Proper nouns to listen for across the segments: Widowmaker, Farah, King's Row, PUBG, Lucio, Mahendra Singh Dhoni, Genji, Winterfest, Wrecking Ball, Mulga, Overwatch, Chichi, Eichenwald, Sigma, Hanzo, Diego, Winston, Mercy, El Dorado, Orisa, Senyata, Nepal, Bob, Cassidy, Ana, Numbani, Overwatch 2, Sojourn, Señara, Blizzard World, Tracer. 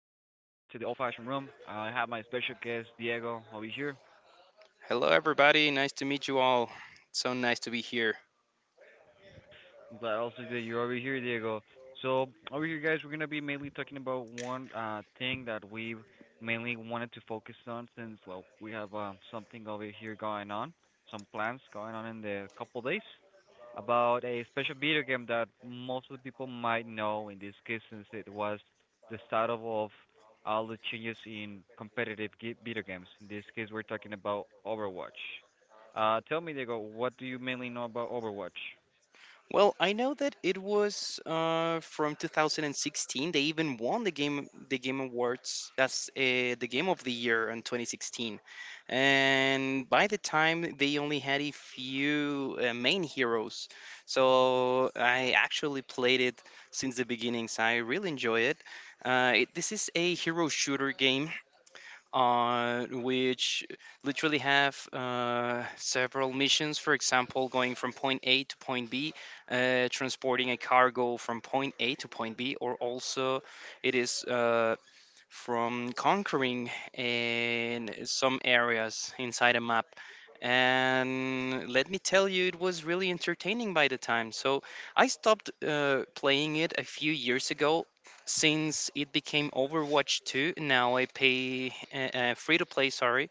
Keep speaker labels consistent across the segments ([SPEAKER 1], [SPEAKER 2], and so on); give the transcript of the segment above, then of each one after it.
[SPEAKER 1] to the old-fashioned room. I have my special guest Diego over here.
[SPEAKER 2] Hello, everybody. Nice to meet you all. It's So nice to be here.
[SPEAKER 1] I'm glad also that you're over here, Diego. So over here, guys, we're gonna be mainly talking about one thing that we mainly wanted to focus on since well we have something over here going on, some plans going on in the couple days, about a special video game that most of the people might know in this case since it was the start of all the changes in competitive video games. In this case, we're talking about Overwatch. Tell me, Diego, what do you mainly know about Overwatch?
[SPEAKER 2] Well, I know that it was from 2016. They even won the Game Awards. That's the Game of the Year in 2016. And by the time they only had a few main heroes, so I actually played it since the beginnings. I really enjoy it. It this is a hero shooter game which literally have several missions. For example, going from point A to point B, transporting a cargo from point A to point B, or also it is from conquering in some areas inside a map. And let me tell you it was really entertaining by the time. So I stopped playing it a few years ago since it became Overwatch 2. Now I pay a free to play, sorry,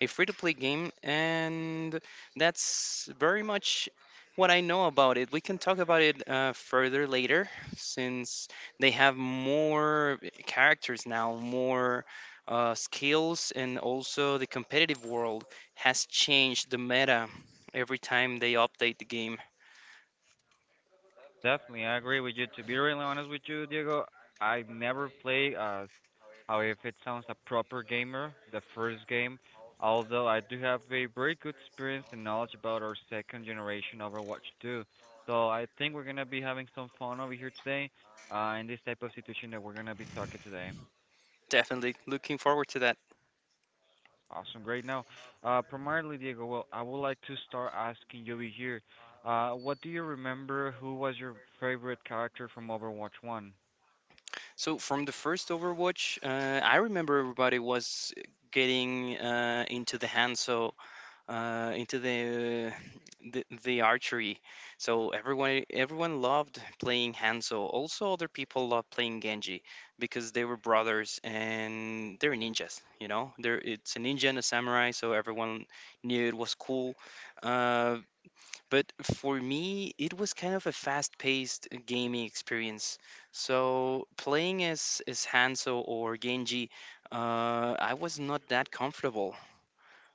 [SPEAKER 2] a free to play game. And that's very much what I know about it. We can talk about it further later, since they have more characters now, more skills, and also the competitive world has changed the meta every time they update the game.
[SPEAKER 1] Definitely, I agree with you. To be really honest with you, Diego, I never play a How if it sounds a proper gamer, the first game, although I do have a very good experience and knowledge about our second generation Overwatch 2. So I think we're gonna be having some fun over here today, in this type of situation that we're gonna be talking today.
[SPEAKER 2] Definitely looking forward to that.
[SPEAKER 1] Awesome, great. Now, primarily Diego, well, I would like to start asking you over here, what do you remember? Who was your favorite character from Overwatch 1?
[SPEAKER 2] So from the first Overwatch, I remember everybody was getting into the hands, so uh, into the, the archery. So everyone loved playing Hanzo. Also, other people loved playing Genji because they were brothers and they're ninjas. You know, they're it's a ninja and a samurai, so everyone knew it was cool. Uh, But for me, it was kind of a fast-paced gaming experience. So playing as Hanzo or Genji, I was not that comfortable.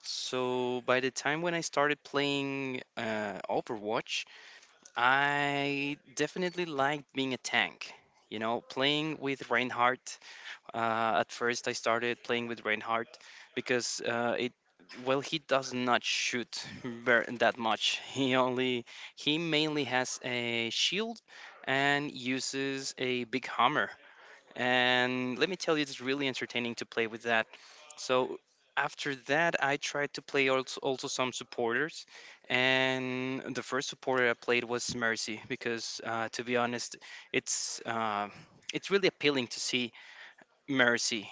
[SPEAKER 2] So by the time when I started playing Overwatch, I definitely liked being a tank. You know, playing with Reinhardt. At first, I started playing with Reinhardt because it well, he does not that much. He only— he mainly has a shield and uses a big hammer. And let me tell you, it's really entertaining to play with that. So after that, I tried to play also, also some supporters, and the first supporter I played was Mercy because, to be honest, it's uh, it's really appealing to see Mercy.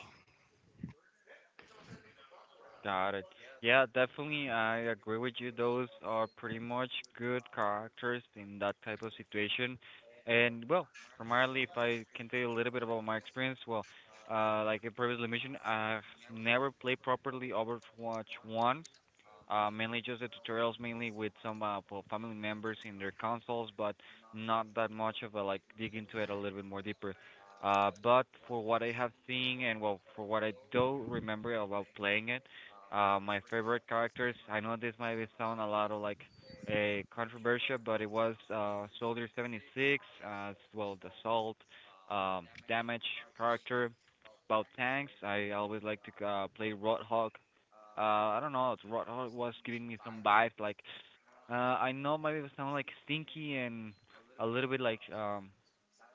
[SPEAKER 1] Got it. Yeah, definitely, I agree with you. Those are pretty much good characters in that type of situation. And well, primarily, if I can tell you a little bit about my experience, well, like I previously mentioned, I've never played properly Overwatch 1. Mainly just the tutorials, mainly with some well, family members in their consoles, but not that much of a like dig into it a little bit more deeper. But for what I have seen and well, for what I do remember about playing it, my favorite characters. I know this might be sound a lot of like a controversial, but it was Soldier 76 as well the Salt, Damage character. About tanks, I always like to play Roadhog. I don't know, it's Roadhog was giving me some vibes. Like, I know maybe it sound like stinky and a little bit like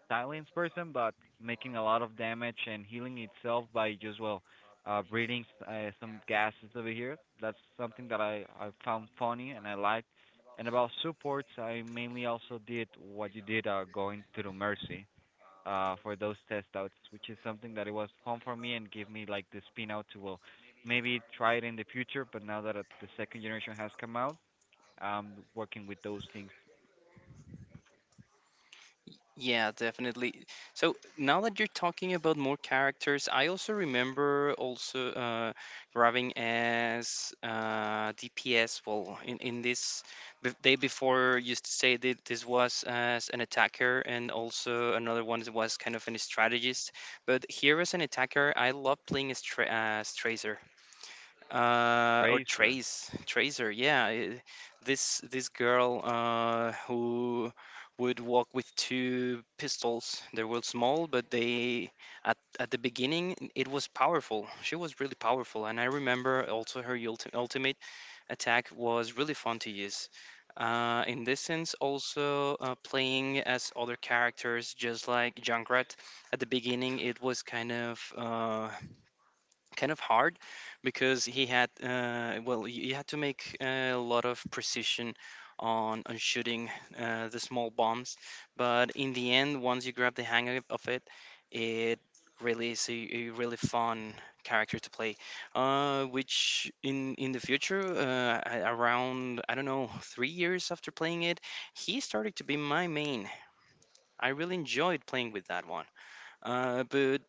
[SPEAKER 1] silence person, but making a lot of damage and healing itself by just well breathing some gases over here. That's something that I found funny and I liked. And about supports, I mainly also did what you did going through Mercy for those test outs, which is something that it was fun for me and gave me like the spin out to well maybe try it in the future. But now that the second generation has come out, I'm working with those things.
[SPEAKER 2] Yeah, definitely. So now that you're talking about more characters, I also remember also grabbing as DPS. Well, in this b day before, used to say that this was as an attacker, and also another one that was kind of an strategist. But here as an attacker, I love playing as Tracer or
[SPEAKER 1] Razor.
[SPEAKER 2] trace tracer yeah I- this girl who would walk with two pistols. They were small, but they— at the beginning it was powerful. She was really powerful, and I remember also her ultimate attack was really fun to use. In this sense, also playing as other characters, just like Junkrat. At the beginning, it was kind of hard because he had well, you had to make a lot of precision on shooting the small bombs. But in the end, once you grab the hang of it, it really is a really fun character to play, which in the future around, I don't know, 3 years after playing it, he started to be my main. I really enjoyed playing with that one. But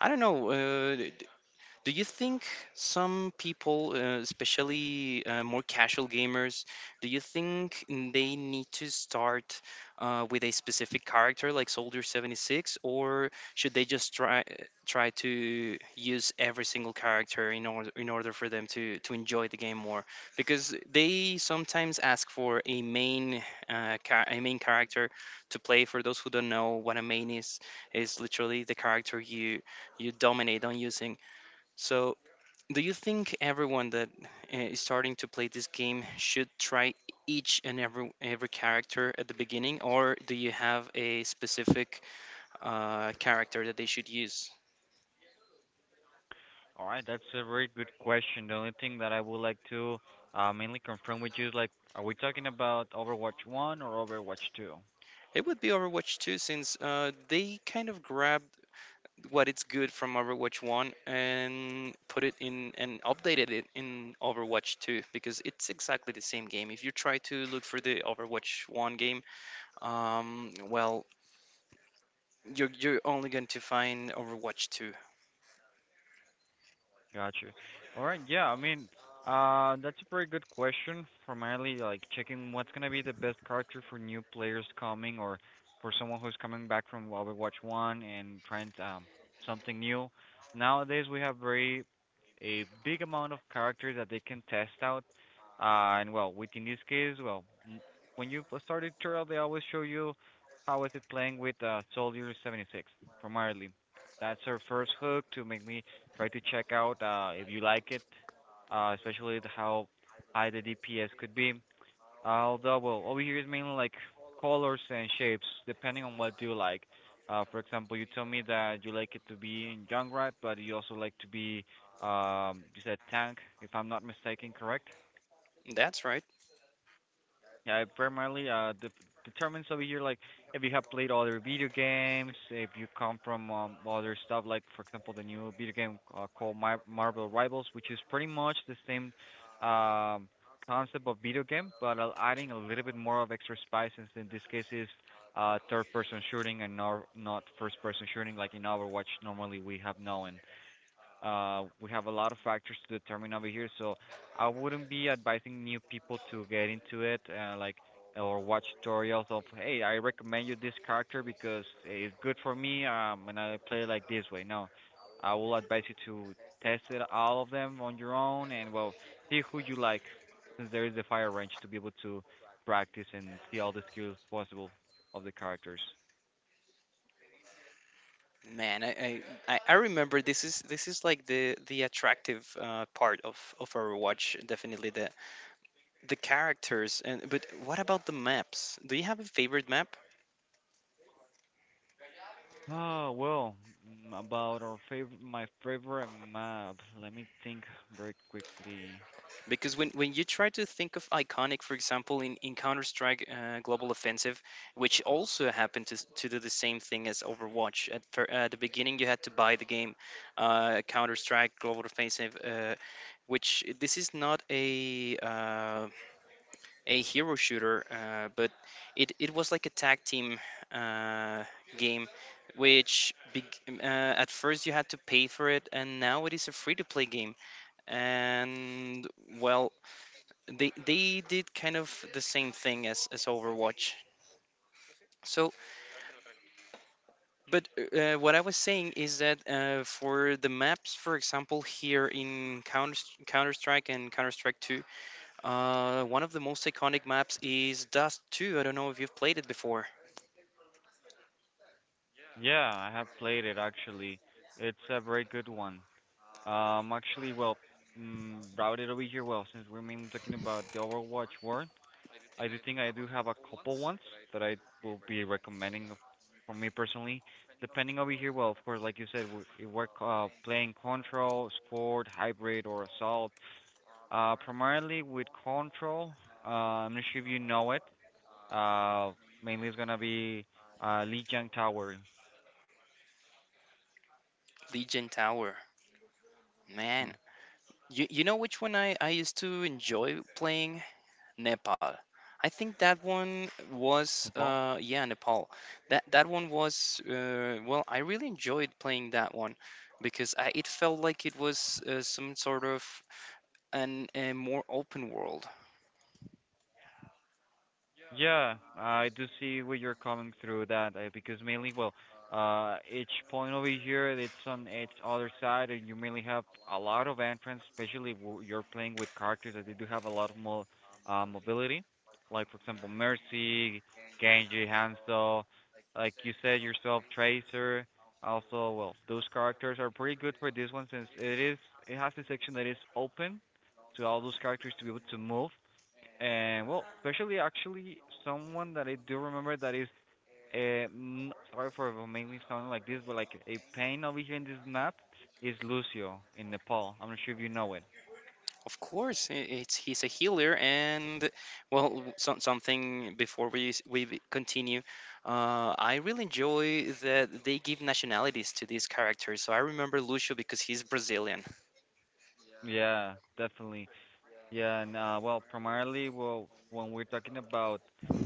[SPEAKER 2] I don't know. Do you think some people, especially more casual gamers, do you think they need to start with a specific character like Soldier 76, or should they just try to use every single character in order for them to enjoy the game more? Because they sometimes ask for a main a main character to play. For those who don't know what a main is literally the character you dominate on using. So, do you think everyone that is starting to play this game should try each and every character at the beginning, or do you have a specific character that they should use?
[SPEAKER 1] All right, that's a very good question. The only thing that I would like to mainly confirm with you is like, are we talking about Overwatch 1 or Overwatch 2?
[SPEAKER 2] It would be Overwatch 2 since they kind of grabbed what it's good from Overwatch 1 and put it in and updated it in Overwatch 2, because it's exactly the same game. If you try to look for the Overwatch 1 game, um, well, you're only going to find Overwatch 2.
[SPEAKER 1] Got you. All right. Yeah, I mean, that's a pretty good question from Ali, like checking what's gonna be the best character for new players coming or for someone who's coming back from Overwatch 1 and trying to, something new. Nowadays, we have very a big amount of characters that they can test out. And well, within this case, well, when you start a tutorial, they always show you how is it playing with Soldier 76 primarily. That's our first hook to make me try to check out if you like it, especially how high the DPS could be. Although, well, over here is mainly like colors and shapes, depending on what you like. For example, you told me that you like it to be in Junkrat, but you also like to be, you said tank, if I'm not mistaken, correct?
[SPEAKER 2] That's right.
[SPEAKER 1] Yeah, it primarily de determines over here like if you have played other video games, if you come from other stuff like for example the new video game called Marvel Rivals, which is pretty much the same um concept of video game, but adding a little bit more of extra spice since in this case is third person shooting and not first person shooting like in Overwatch normally we have known. We have a lot of factors to determine over here, so I wouldn't be advising new people to get into it, like or watch tutorials of, hey, I recommend you this character because it's good for me, and I play like this way. No, I will advise you to test it all of them on your own, and well, see who you like, since there is a fire range to be able to practice and see all the skills possible of the characters.
[SPEAKER 2] Man, I remember this is like the attractive part of Overwatch, definitely the characters. And but what about the maps? Do you have a favorite map?
[SPEAKER 1] Oh well, about our favorite, my favorite map. Let me think very quickly.
[SPEAKER 2] Because when you try to think of iconic, for example in Counter-Strike Global Offensive, which also happened to do the same thing as Overwatch. At the beginning, you had to buy the game, Counter-Strike Global Offensive, which, this is not a a hero shooter, but it was like a tag team, uh, game, which beg at first you had to pay for it, and now it is a free-to-play game. And well, they did kind of the same thing as Overwatch. So, but what I was saying is that for the maps, for example, here in Counter Strike and Counter Strike Two, one of the most iconic maps is Dust Two. I don't know if you've played it before.
[SPEAKER 1] Yeah, I have played it actually. It's a very good one. Actually, well, brought it over here. Well, since we're mainly talking about the Overwatch world, I do think I do have a couple ones that I will be recommending for me personally. Depending over here, well, of course, like you said, if we're playing Control, Scored, Hybrid, or Assault, primarily with control. Uh, I'm not sure if you know it. Uh, mainly it's gonna be Lijiang Tower,
[SPEAKER 2] Legion Tower, man.
[SPEAKER 1] in
[SPEAKER 2] You know which one I used to enjoy playing? Nepal. I think that one was
[SPEAKER 1] Nepal.
[SPEAKER 2] yeah, Nepal. That that one was well, I really enjoyed playing that one because it felt like it was some sort of an a more open world.
[SPEAKER 1] Yeah, I do see where you're coming through that because mainly, well, each point over here, it's on its other side, and you mainly have a lot of entrance, especially if w you're playing with characters that they do have a lot of more mobility, like for example, Mercy, Genji, Hanzo, like you said yourself, Tracer. Also, well, those characters are pretty good for this one since it is it has a section that is open to all those characters to be able to move and well, especially actually someone that I do remember that is sorry for mainly sounding like this, but like a pain over here in this map is Lucio in Nepal. I'm not sure if you know it.
[SPEAKER 2] Of course, it's— he's a healer. And well, some something before we s- we b- continue. I really enjoy that they give nationalities to these characters. So I remember Lucio because he's Brazilian.
[SPEAKER 1] Yeah, definitely. Yeah, and well primarily well when we're talking about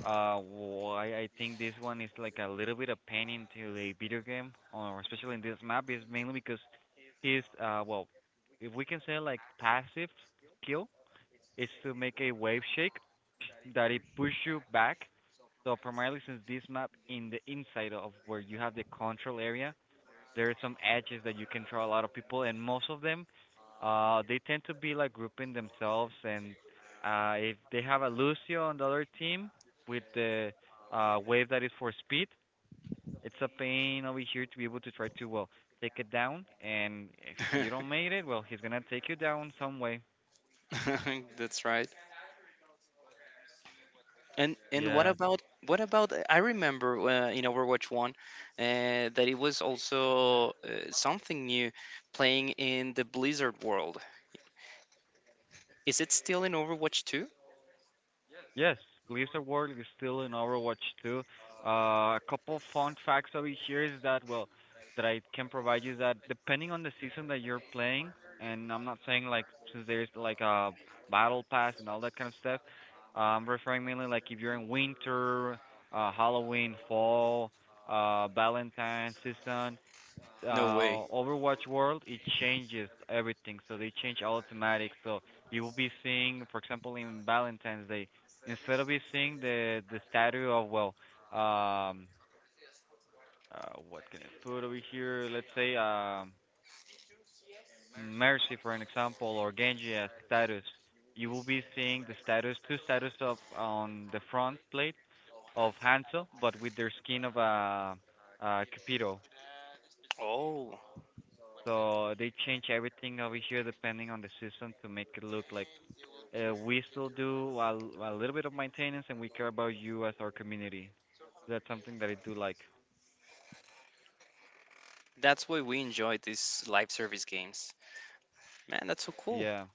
[SPEAKER 1] why I think this one is like a little bit of pain into the video game or especially in this map is mainly because his well if we can say like passive skill is to make a wave shake that it push you back. So primarily since this map in the inside of where you have the control area, there are some edges that you can draw a lot of people and most of them they tend to be like grouping themselves and if they have a Lucio on the other team with the wave that is for speed, it's a pain over here to be able to try to well take it down and if you don't make it, well he's gonna take you down some way.
[SPEAKER 2] That's right. And what
[SPEAKER 1] Yeah.
[SPEAKER 2] about I remember in Overwatch One, that it was also something new, playing in the Blizzard world. Is it still in Overwatch Two?
[SPEAKER 1] Yes, Blizzard World is still in Overwatch 2. A couple fun facts over here is that well, that I can provide you is that depending on the season that you're playing, and I'm not saying like since there's like a battle pass and all that kind of stuff, I'm referring mainly like if you're in winter, Halloween, fall, Valentine season
[SPEAKER 2] No way.
[SPEAKER 1] Overwatch world, it changes everything. So they change all thematics. So you will be seeing, for example, in Valentine's Day, instead of you seeing the statue of well, um, what can I put over here? Let's say Mercy for an example, or Genji as status. You will be seeing the status, two status of on the front plate of Hanzo, but with their skin of a Cupido.
[SPEAKER 2] Oh,
[SPEAKER 1] So they change everything over here depending on the system to make it look like we still do a little bit of maintenance and we care about you as our community. That's something that I do like.
[SPEAKER 2] that's why we enjoy these live service games. Man, that's so cool.
[SPEAKER 1] Yeah.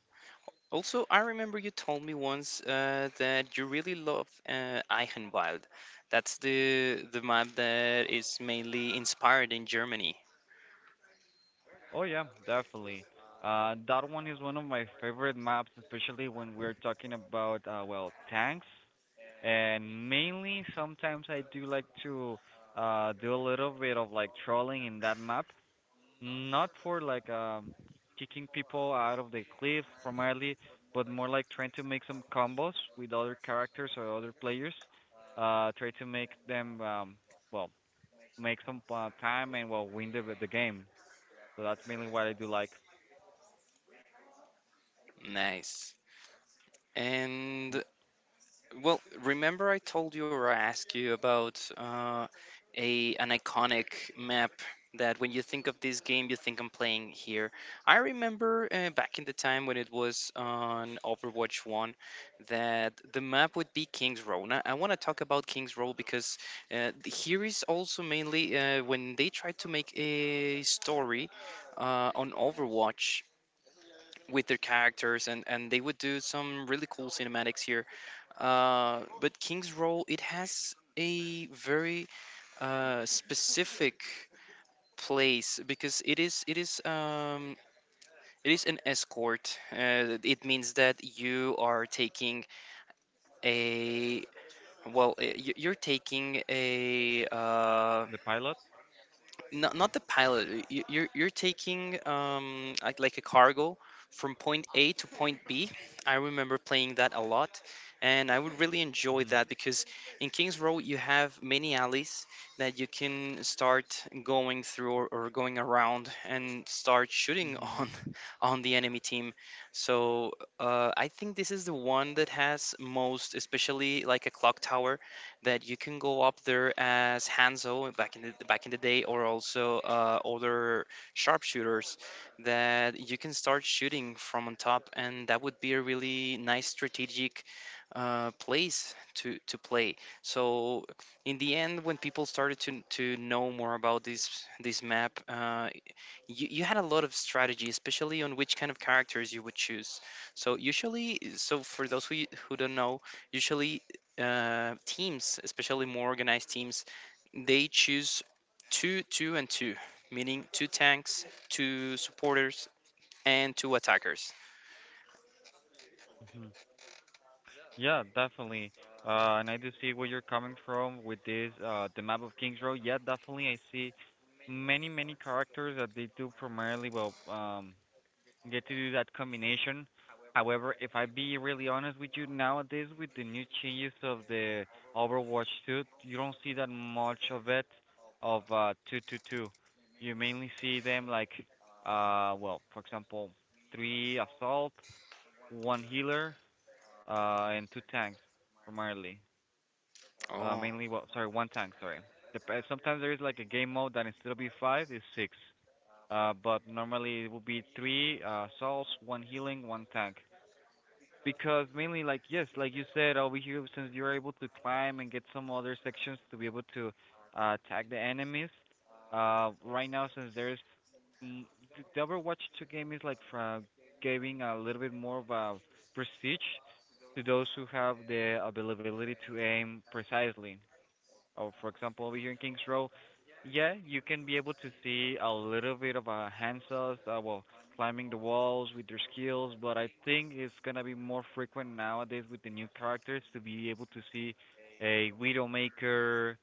[SPEAKER 2] Also, I remember you told me once that you really love Eichenwald. That's the map that is mainly inspired in Germany.
[SPEAKER 1] Oh yeah, definitely. That one is one of my favorite maps, especially when we're talking about well tanks. And mainly, sometimes I do like to do a little bit of like trolling in that map, not for like kicking people out of the cliff primarily, but more like trying to make some combos with other characters or other players. Try to make them well make some time and well win the game. So that's mainly what I do like
[SPEAKER 2] Nice.
[SPEAKER 1] y-
[SPEAKER 2] And— well, remember I told you or I asked you about a an iconic map that when you think of this game, you think I'm playing here. I remember back in the time when it was on Overwatch 1, that the map would be King's Row. Now, I want to talk about King's Row because here is also mainly when they tried to make a story on Overwatch with their characters, and they would do some really cool cinematics here, but King's role, it has a very specific place, because it is an escort. It means that you are taking a— well, you're taking a
[SPEAKER 1] the pilot.
[SPEAKER 2] not not the pilot. You're taking like a cargo from point A to point B. I remember playing that a lot, and I would really enjoy
[SPEAKER 1] Mhm.
[SPEAKER 2] that because in Kings Row you have many alleys that you can start going through, or going around and start shooting
[SPEAKER 1] Mhm.
[SPEAKER 2] on on the enemy team. So I think this is the one that has most, especially like a clock tower that you can go up there as Hanzo back in the day, or also older sharpshooters that you can start shooting from on top, and that would be a really nice strategic place to play. So in the end, when people started to know more about this map, you had a lot of strategy, especially on which kind of characters you would choose. So usually, so for those who don't know, usually teams, especially more organized teams, they choose two, two, and two, meaning two tanks, two supporters, and two attackers.
[SPEAKER 1] Mhm. Yeah, definitely. And I do see where you're coming from with this the map of Kings Row. Yeah, definitely I see many many characters that they do primarily well get to do that combination. However, if I be really honest with you, nowadays with the new changes of the Overwatch 2, you don't see that much of it of 222. You mainly see them like well, for example, three assault, one healer, and two tanks primarily.
[SPEAKER 2] Oh,
[SPEAKER 1] Mainly well, sorry, one tank, sorry. Sometimes there is like a game mode that instead of be 5 is 6. But normally it would be three salts, one healing, one tank. Because mainly like yes, like you said over here since you're able to climb and get some other sections to be able to tag the enemies. Right now since there's mm, the Overwatch 2 game is like from giving a little bit more of a prestige to those who have the availability to aim precisely, or for example over here in Kings Row, yeah, you can be able to see a little bit of hand cells that well climbing the walls with their skills, but I think it's gonna be more frequent nowadays with the new characters to be able to see a Widowmaker,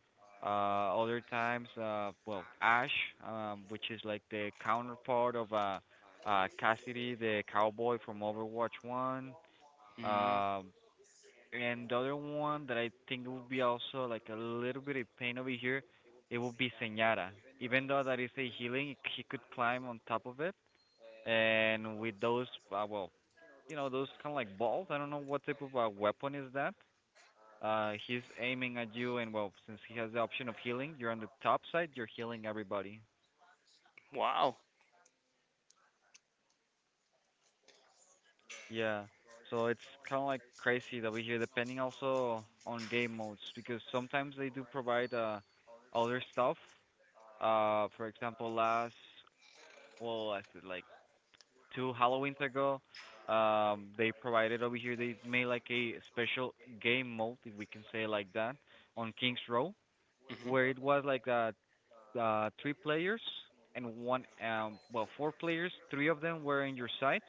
[SPEAKER 1] other times, well, Ash, which is like the counterpart of Cassidy, the cowboy from Overwatch One.
[SPEAKER 2] mm,
[SPEAKER 1] Um, and the other one that I think will be also like a little bit of pain over here, it will be Señara. Even though that is a healing, he could climb on top of it, and with those, well, those kind of like balls. I don't know what type of weapon is that. He's aiming at you, and well, since he has the option of healing, you're on the top side. You're healing everybody.
[SPEAKER 2] wow.
[SPEAKER 1] Yeah. So it's kind of like crazy that we hear, depending also on game modes, because sometimes they do provide other stuff. For example, last well, I said like two Halloweens ago, they provided over here. They made like a special game mode, if we can say it like that, on Kings Row, where
[SPEAKER 2] Mm-hmm.
[SPEAKER 1] it was like three players and one well four players. Three of them were in your side,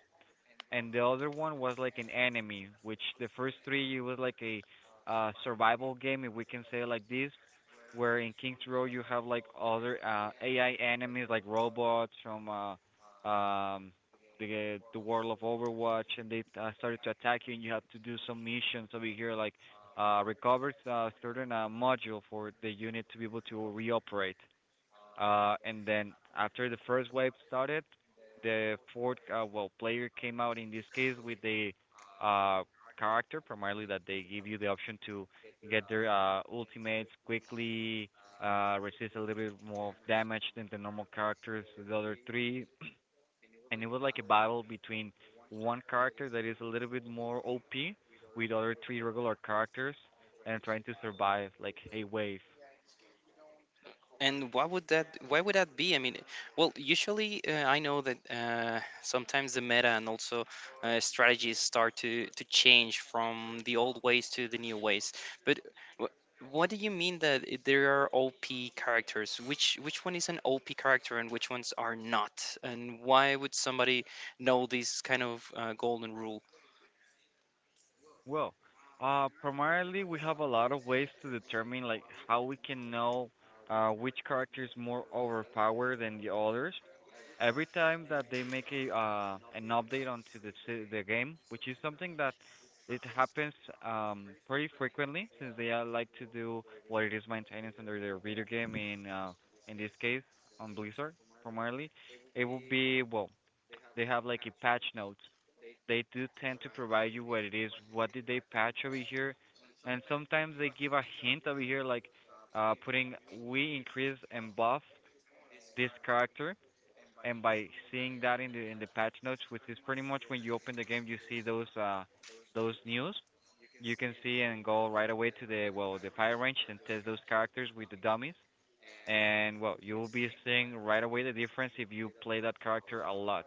[SPEAKER 1] and the other one was like an enemy, which the first three it was like a survival game if we can say it like this, where in Kings Row you have like other AI enemies like robots from the world of Overwatch, and they started to attack you, and you have to do some missions over here like recover certain module for the unit to be able to reoperate. And then after the first wave started, the fourth well player came out in this case with the uh, character primarily that they give you the option to get their ultimates quickly, resist a little bit more of damage than the normal characters, the other three, and it was like a battle between one character that is a little bit more OP with other three regular characters and trying to survive like a wave.
[SPEAKER 2] And why would that? Why would that be? I mean, well, usually I know that sometimes the meta and also strategies start to change from the old ways to the new ways. But wh- what do you mean that there are OP characters? Which one is an OP character and which ones are not? And why would somebody know this kind of golden rule?
[SPEAKER 1] Well, primarily we have a lot of ways to determine like how we can know which character is more overpowered than the others. Every time that they make a an update onto the the game, which is something that it happens pretty frequently since they like to do what it is maintenance under their video game in this case on Blizzard primarily. It would be well they have like a patch note. They do tend to provide you what it is, what did they patch over here, and sometimes they give a hint over here, like putting we increase and buff this character, and by seeing that in the patch notes, which is pretty much when you open the game, you see those news. You can see and go right away to the well the fire range and test those characters with the dummies, and well you will be seeing right away the difference if you play that character a lot,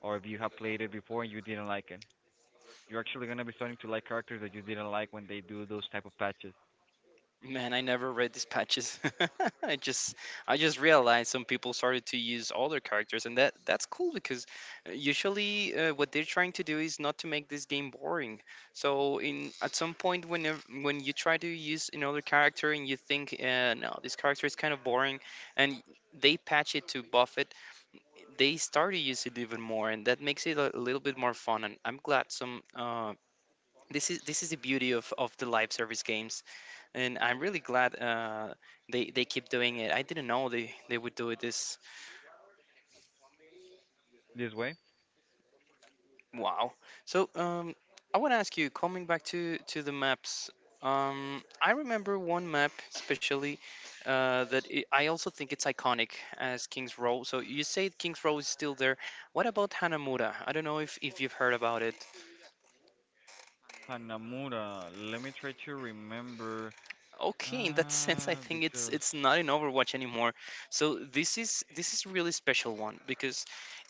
[SPEAKER 1] or if you have played it before and you didn't like it. You're actually gonna be starting to like characters that you didn't like when they do those type of patches.
[SPEAKER 2] Man, I never read these patches. I just I just realized some people started to use older characters, and that's cool because usually what they're trying to do is not to make this game boring. So in at some point when when you try to use another character and you think no, this character is kind of boring, and they patch it to buff it, they start to use it even more, and that makes it a little bit more fun. And I'm glad some. This is the beauty of the live service games, and I'm really glad they keep doing it. I didn't know they would do it this.
[SPEAKER 1] This way.
[SPEAKER 2] Wow. So I want to ask you, coming back to the maps. I remember one map especially that I also think it's iconic as King's Row. So you say King's Row is still there. What about Hanamura? I don't know if you've heard about it.
[SPEAKER 1] Hanamura. Let me try to remember.
[SPEAKER 2] Okay, in that sense, I think it's
[SPEAKER 1] Because.
[SPEAKER 2] it's not in Overwatch anymore. So this is really special one because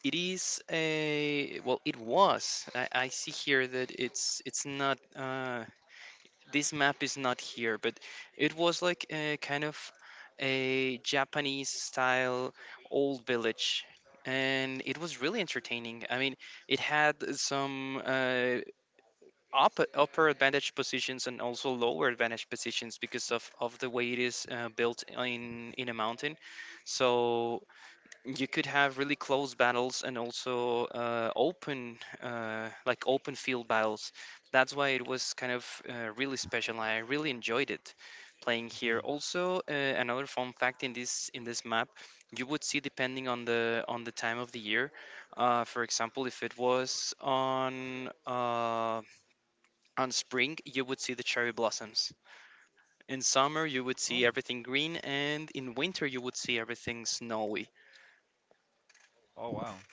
[SPEAKER 2] it is a well, it was. I see here that it's not. This map is not here, but it was like a kind of a Japanese style old village. And it was really entertaining. I mean, it had some up upper advantage positions and also lower advantage positions because of the way it is built in a mountain, so you could have really close battles and also open like open field battles. That's why it was kind of really special. I really enjoyed it playing here.
[SPEAKER 1] Mhm.
[SPEAKER 2] Also, another fun fact, in this map, you would see depending on the time of the year, for example, if it was on spring, you would see the cherry blossoms. In summer, you would see
[SPEAKER 1] Oh.
[SPEAKER 2] everything green, and in winter, you would see everything snowy.
[SPEAKER 1] Oh wow.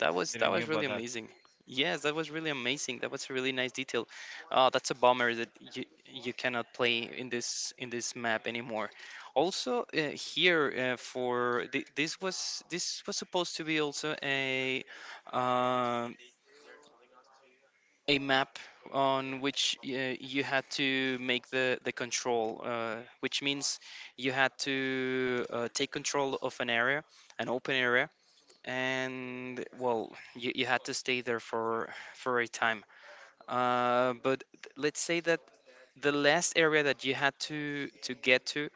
[SPEAKER 2] That was
[SPEAKER 1] Didn't
[SPEAKER 2] that
[SPEAKER 1] knew
[SPEAKER 2] was
[SPEAKER 1] about
[SPEAKER 2] really
[SPEAKER 1] that.
[SPEAKER 2] amazing. Yes, that was really amazing. That was a really nice detail. That's a bummer that you cannot play in this map anymore. Also, here for this was supposed to be also um a map on which you had to make the control, which means you had to take control of an area, an open area, and well, you had to stay there for a time. But let's say that the last area that you had to get to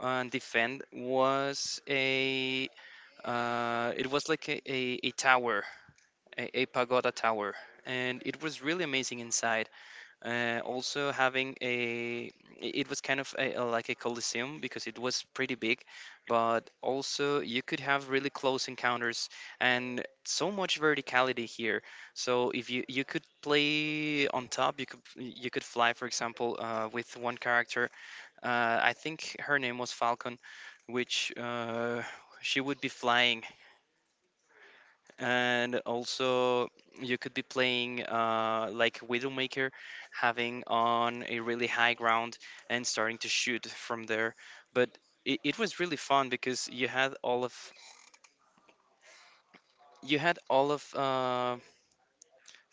[SPEAKER 2] and defend was a it was like a tower, a pagoda tower, and it was really amazing inside, also having a it was kind of like a coliseum because it was pretty big, but also you could have really close encounters and so much verticality here. So if you could play on top, you could fly, for example, with one character. I think her name was falcon, which she would be flying. And also, you could be playing like Widowmaker, having on a really high ground and starting to shoot from there. But it was really fun because you had all of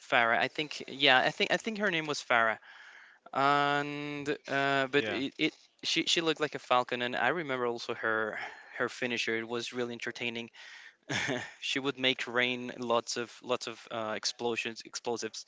[SPEAKER 2] Farah. I think yeah, I think her name was Farah, and but
[SPEAKER 1] Yeah.
[SPEAKER 2] it she looked like a falcon, and I remember also her. Her finisher, it was really entertaining. She would make rain lots of explosions, explosives,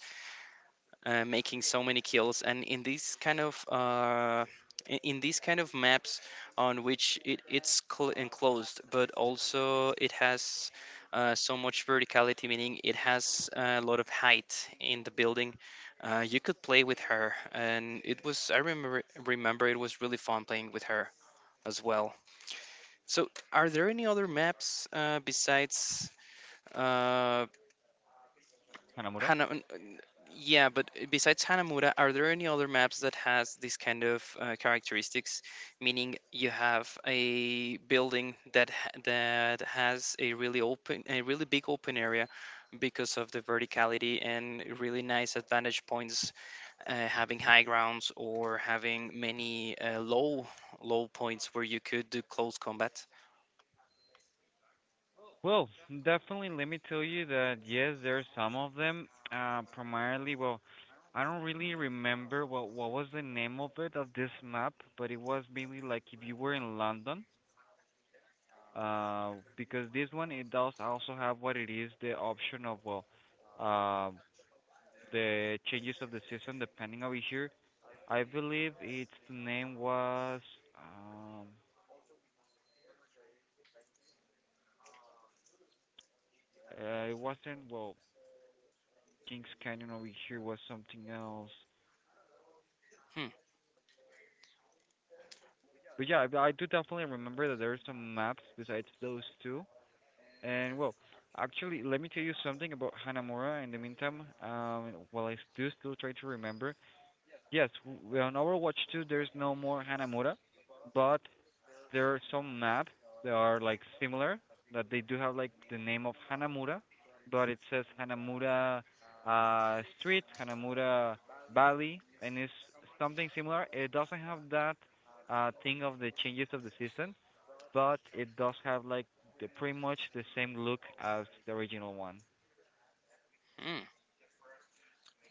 [SPEAKER 2] making so many kills. And in these kind of in these kind of maps on which it, it's enclosed but also it has so much verticality, meaning it has a lot of height in the building, you could play with her, and it was I remember remember it was really fun playing with her as well. So are there any other maps besides uh,
[SPEAKER 1] Hanamura.
[SPEAKER 2] Hana, yeah, but besides Hanamura, are there any other maps that has this kind of characteristics? Meaning you have a building that that has a really open, a really big open area because of the verticality and really nice advantage points, having high grounds or having many low points where you could do close combat.
[SPEAKER 1] Well, definitely. Let me tell you that yes, there are some of them. Primarily, well, I don't really remember what was the name of it of this map, but it was mainly like if you were in London, because this one it does also have what it is the option of well uh, the changes of the system depending over here. I believe its name was um it wasn't well Kings Canyon. Over here was something else.
[SPEAKER 2] Hmm.
[SPEAKER 1] But yeah, I do definitely remember that there are some maps besides those two. And well, actually, let me tell you something about Hanamura. In the meantime, while I do still try to remember, yes, on Overwatch 2 there's no more Hanamura, but there are some maps that are like similar, that they do have like the name of Hanamura, but it says Hanamura Street, Hanamura Valley, and it's something similar. It doesn't have that thing of the changes of the system, but it does have like the pretty much the same look as the original one.
[SPEAKER 2] Hmm.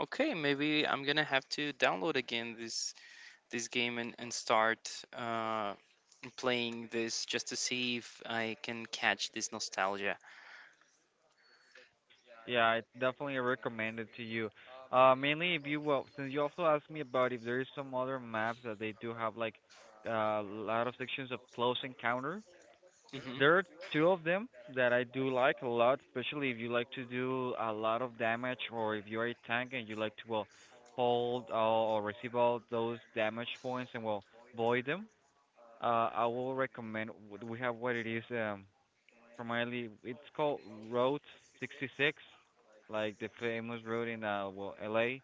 [SPEAKER 2] Okay, maybe I'm gonna have to download again this game and start uh, playing this just to see if I can catch this nostalgia.
[SPEAKER 1] Yeah, it's definitely recommended to you. Mainly if you will, since you also asked me about if there is some other maps that they do have like a lot of sections of close encounter.
[SPEAKER 2] Hmm.
[SPEAKER 1] There are two of them that I do like a lot, especially if you like to do a lot of damage, or if you're a tank and you like to well hold or receive all those damage points and well void them. I will recommend. We have what it is. Primarily it's called Road 66, like the famous road in well LA.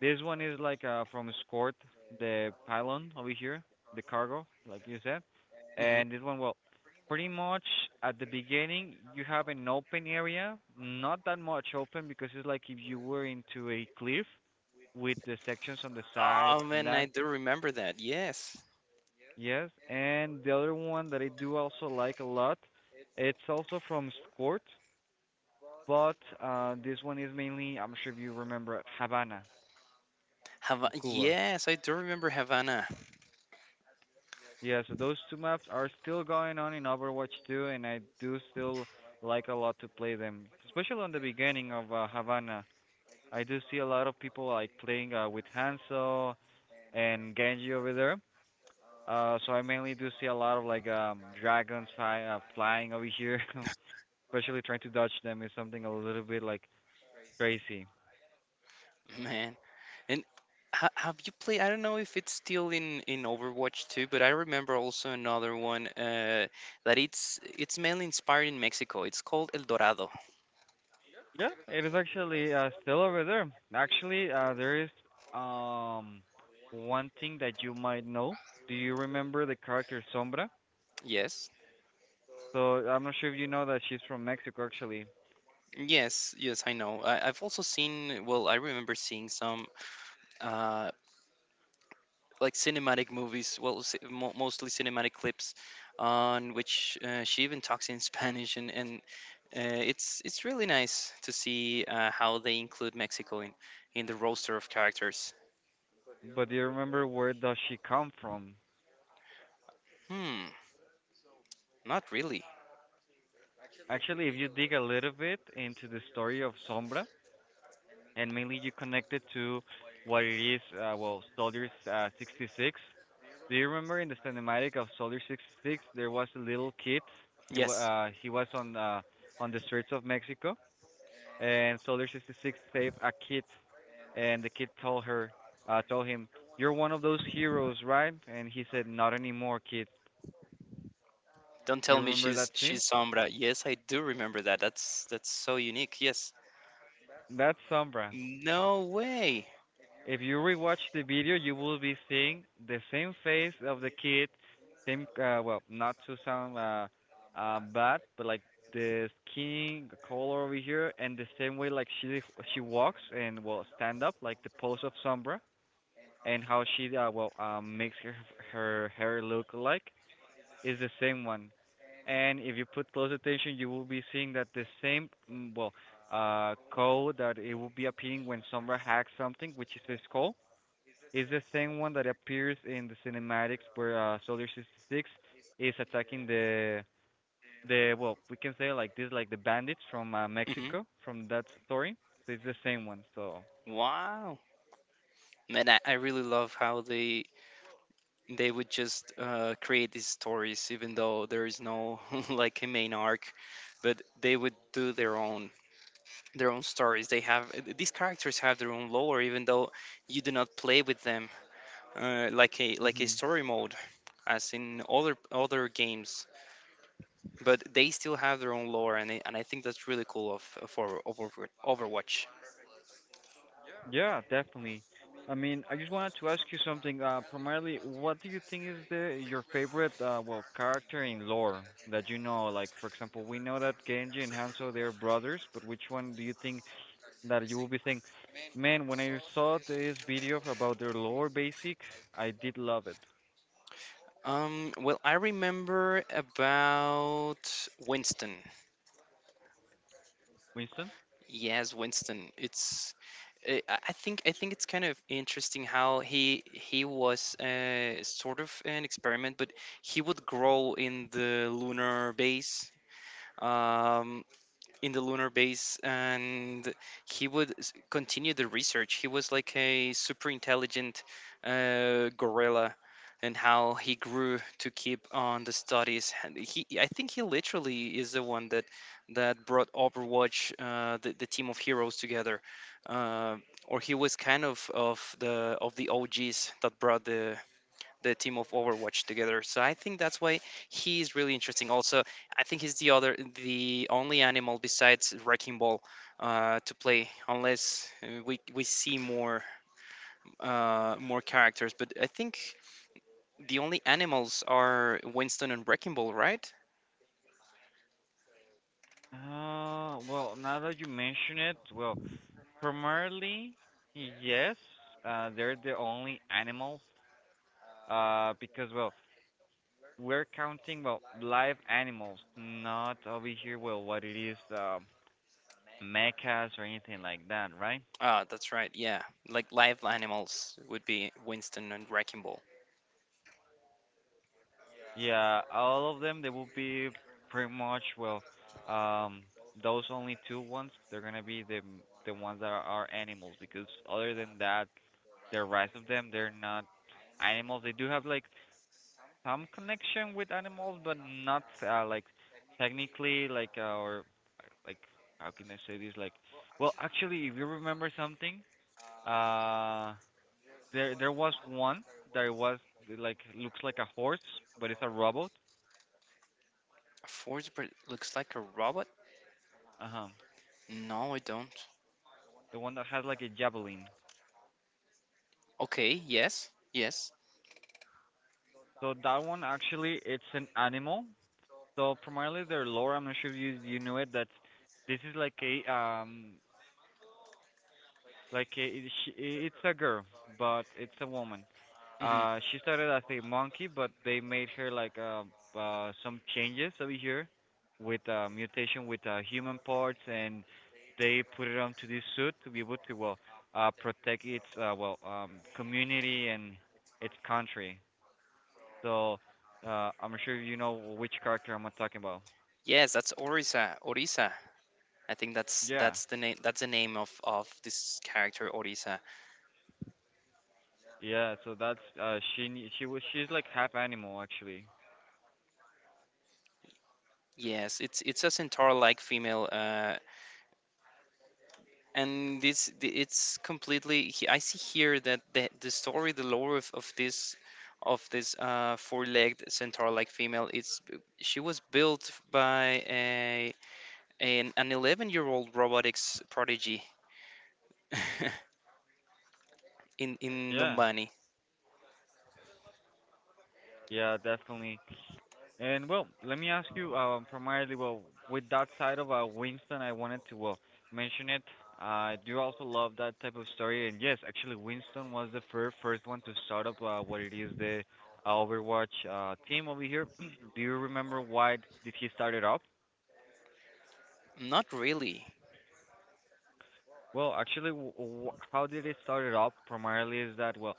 [SPEAKER 1] This one is like from Escort, the pylon over here, the cargo, like you said.
[SPEAKER 2] Hmm.
[SPEAKER 1] And this one well pretty much at the beginning you have an open area, not that much open because it's like if you were into a cliff with the sections on the sides
[SPEAKER 2] Oh
[SPEAKER 1] and
[SPEAKER 2] man, I
[SPEAKER 1] that.
[SPEAKER 2] do remember that. Yes,
[SPEAKER 1] Yes. And the other one that I do also like a lot, it's also from Skort. But this one is mainly, I'm sure if you remember, Havana
[SPEAKER 2] Hava-
[SPEAKER 1] in Cuba.
[SPEAKER 2] yes, I do remember Havana.
[SPEAKER 1] Yeah, so those two maps are still going on in Overwatch 2, and I do still like a lot to play them, especially on the beginning of Havana. I do see a lot of people like playing with Hanzo and Genji over there. So I mainly do see a lot of like dragons fly, flying over here, especially trying to dodge them is something a little bit like crazy.
[SPEAKER 2] Man. And ha- have you played? I don't know if it's still in Overwatch 2, but I remember also another one that it's mainly inspired in Mexico. It's called El Dorado.
[SPEAKER 1] Yeah, it is actually still over there. Actually, there is um one thing that you might know. Do you remember the character Sombra?
[SPEAKER 2] Yes.
[SPEAKER 1] So I'm not sure if you know that she's from Mexico actually,
[SPEAKER 2] Yes, yes, I know. I've also seen, well, I remember seeing some uh, like cinematic movies, well, mostly cinematic clips, on which she even talks in Spanish, and uh, it's really nice to see how they include Mexico in the roster of characters.
[SPEAKER 1] but do you remember where does she come from?
[SPEAKER 2] Hmm, not really.
[SPEAKER 1] Actually, if you dig a little bit into the story of Sombra, and mainly you connect it to what it is, well, Soldiers 66, do you remember in the cinematic of Soldier 66 there was a little kid? He wa
[SPEAKER 2] Yes,
[SPEAKER 1] he was on the streets of Mexico, and Soldier 66 saved a kid, and the kid told her told him, you're one of those heroes, right? And he said, not anymore, kid.
[SPEAKER 2] don't
[SPEAKER 1] Do you
[SPEAKER 2] tell me
[SPEAKER 1] remember that scene?
[SPEAKER 2] she's Sombra. Yes, I do remember that. That's so unique. Yes,
[SPEAKER 1] That's Sombra.
[SPEAKER 2] no way.
[SPEAKER 1] If you rewatch the video, you will be seeing the same face of the kid, same well, not to sound bad, but like the skin color over here, and the same way like she walks and will stand up, like the pose of Sombra, and how she well makes her her hair look like is the same one. And if you put close attention, you will be seeing that the same well code that it will be appearing when Sombra hacks something, which is his call, it's the same one that appears in the cinematics where Soldier 66 is attacking the well, we can say like this, like the bandits from
[SPEAKER 2] Hmm.
[SPEAKER 1] Mexico from that story. So it's the same one. So
[SPEAKER 2] Wow, man, I really love how they would just create these stories, even though there is no like a main arc, but they would do their own stories they have these characters have their own lore, even though you do not play with them, like a
[SPEAKER 1] hmm
[SPEAKER 2] story mode as in other games, but they still have their own lore. And and I think that's really cool of Overwatch.
[SPEAKER 1] yeah, definitely. I mean, I just wanted to ask you something. Primarily, what do you think is the your favorite well character in lore that you know? Like, for example, we know that Genji and Hanzo they're brothers, but which one do you think that you will be saying, man, when I saw this video about their lore basic, I did love it.
[SPEAKER 2] Well, I remember about Winston.
[SPEAKER 1] Winston?
[SPEAKER 2] Yes, Winston. It's I think it's kind of interesting how he was sort of an experiment, but he would grow in the lunar base. Um, in the lunar base, and he would continue the research. He was like a super intelligent gorilla, and how he grew to keep on the studies. And he I think he literally is the one that brought overwatch the team of heroes together, uh, or he was kind of of the og's that brought the team of Overwatch together. So I think that's why he is really interesting. Also, I think he's the only animal besides Wrecking Ball to play, unless we see more more characters. But I think the only animals are Winston and Wrecking Ball, right?
[SPEAKER 1] Well, now that you mention it, well, primarily, yes, they're the only animals, because, well, we're counting, well, live animals, not over here, well, what it is, mechas or anything like that, right?
[SPEAKER 2] Ah, that's right. Yeah, like live animals would be Winston and Wrecking Ball.
[SPEAKER 1] Yeah, all of them they will be pretty much well um those only two ones they're gonna be the ones that are animals, because other than that the rest of them they're not animals. They do have like some connection with animals but not like technically like or like how can I say this, like well actually if you remember something, uh there was one that was like looks like a horse but it's a robot.
[SPEAKER 2] A force bird looks like a robot.
[SPEAKER 1] Uh-huh.
[SPEAKER 2] No, I don't.
[SPEAKER 1] The one that has like a javelin.
[SPEAKER 2] Okay. Yes. Yes.
[SPEAKER 1] So that one actually it's an animal. So primarily their lore, I'm not sure if you knew it that this is like a, she- it's a girl, but it's a woman.
[SPEAKER 2] Hmm.
[SPEAKER 1] She started as a monkey, but they made her like some changes over here with mutation, with human parts, and they put it onto this suit to be able to well protect its community and its country. So, I'm sure you know which character I'm talking about.
[SPEAKER 2] Yes, that's Orisa. Orisa. I think that's
[SPEAKER 1] Yeah,
[SPEAKER 2] that's the name of this character Orisa.
[SPEAKER 1] yeah. So that's she. She was. She's like half animal, actually.
[SPEAKER 2] Yes, it's a centaur-like female, and this it's completely. I see here that the story, the lore of this four-legged centaur-like female, it's she was built by a an 11-year-old robotics prodigy in
[SPEAKER 1] Yeah,
[SPEAKER 2] Numbani.
[SPEAKER 1] yeah, definitely. And well, let me ask you, primarily, well, with that side of Winston, I wanted to well mention it. I do also love that type of story, and yes, actually, Winston was the first one to start up what it is the Overwatch team over here. Do you remember why did he start it up?
[SPEAKER 2] Not really.
[SPEAKER 1] Well, actually, w w how did it started up primarily is that, well,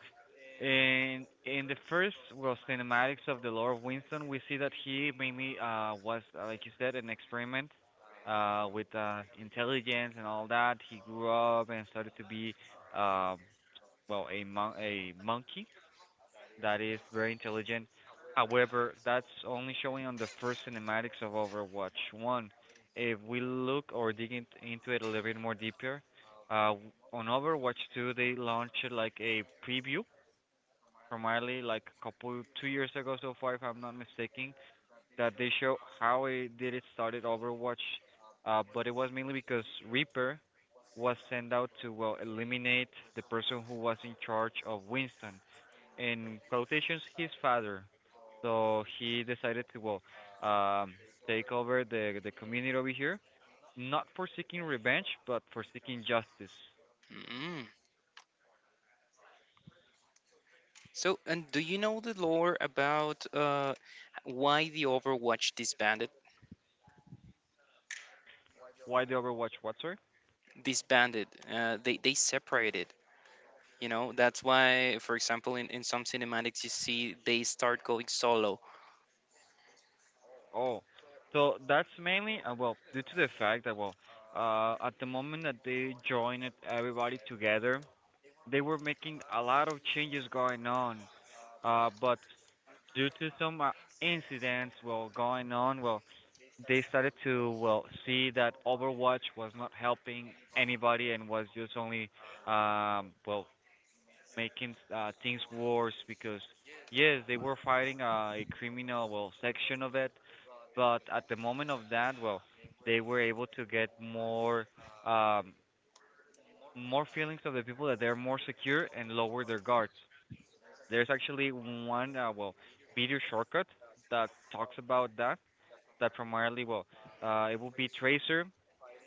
[SPEAKER 1] in the first well cinematics of the Lord of Winston, we see that he mainly was like you said an experiment with intelligence and all that. He grew up and started to be um a monkey that is very intelligent. However, that's only showing on the first cinematics of Overwatch 1. If we look or dig in, into it a little bit more deeper, uh, on Overwatch 2, they launched like a preview, primarily like a couple, 2 years ago so far, if I'm not mistaken, that they show how it did it started Overwatch. But it was mainly because Reaper was sent out to, well, eliminate the person who was in charge of Winston, in quotations his father. So he decided to well um take over the community over here, not for seeking revenge, but for seeking justice.
[SPEAKER 2] Mm. So, and do you know the lore about why the Overwatch disbanded?
[SPEAKER 1] Why the Overwatch what, sir?
[SPEAKER 2] Disbanded. They separated. You know, that's why, for example, in some cinematics you see they start going solo.
[SPEAKER 1] Oh. So that's mainly well due to the fact that well at the moment that they joined it, everybody together, they were making a lot of changes going on. Uh, but due to some incidents well going on, well they started to well see that Overwatch was not helping anybody and was just only um well making things worse, because yes they were fighting a criminal well section of it, but at the moment of that well they were able to get more um more feelings of the people that they're more secure and lower their guards. There's actually one well video shortcut that talks about that. That primarily well, it will be Tracer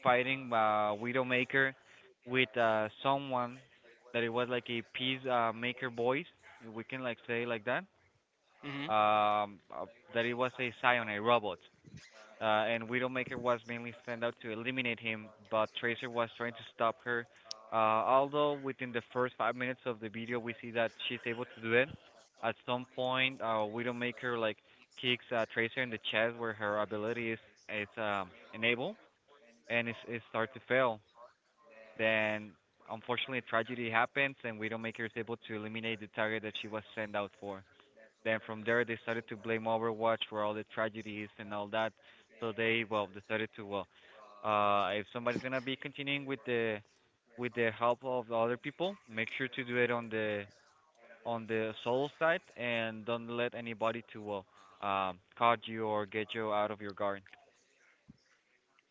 [SPEAKER 1] fighting Widowmaker with someone that it was like a peace maker voice. We can like say like that.
[SPEAKER 2] Hmm.
[SPEAKER 1] Um, uh, that it was a Scion, a robot, and Widowmaker was mainly sent out to eliminate him, but Tracer was trying to stop her. Although within the first 5 minutes of the video, we see that she's able to do it. At some point, Widowmaker like kicks Tracer in the chest where her ability is enabled, and it starts to fail. Then, unfortunately, a tragedy happens, and Widowmaker is able to eliminate the target that she was sent out for. Then from there, they started to blame Overwatch for all the tragedies and all that. So they well decided to well, if somebody's gonna be continuing with the help of the other people, make sure to do it on the solo side and don't let anybody to well caught you or get you out of your guard.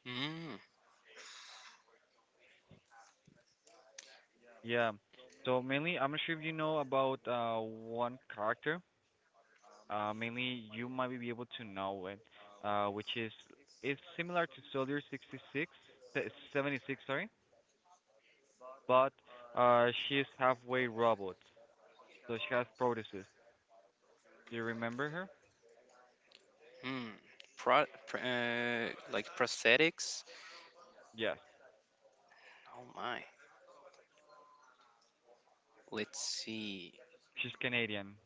[SPEAKER 2] Mm,
[SPEAKER 1] Yeah. So mainly, I'm not sure if you know about one character, mainly you might be able to know it, which is similar to Soldier 66, se- 76, sorry, but she is halfway robot, so she has prothesis. Do you remember her?
[SPEAKER 2] mm. Pro, like prosthetics.
[SPEAKER 1] Yes,
[SPEAKER 2] Oh my. Let's see.
[SPEAKER 1] she's Canadian.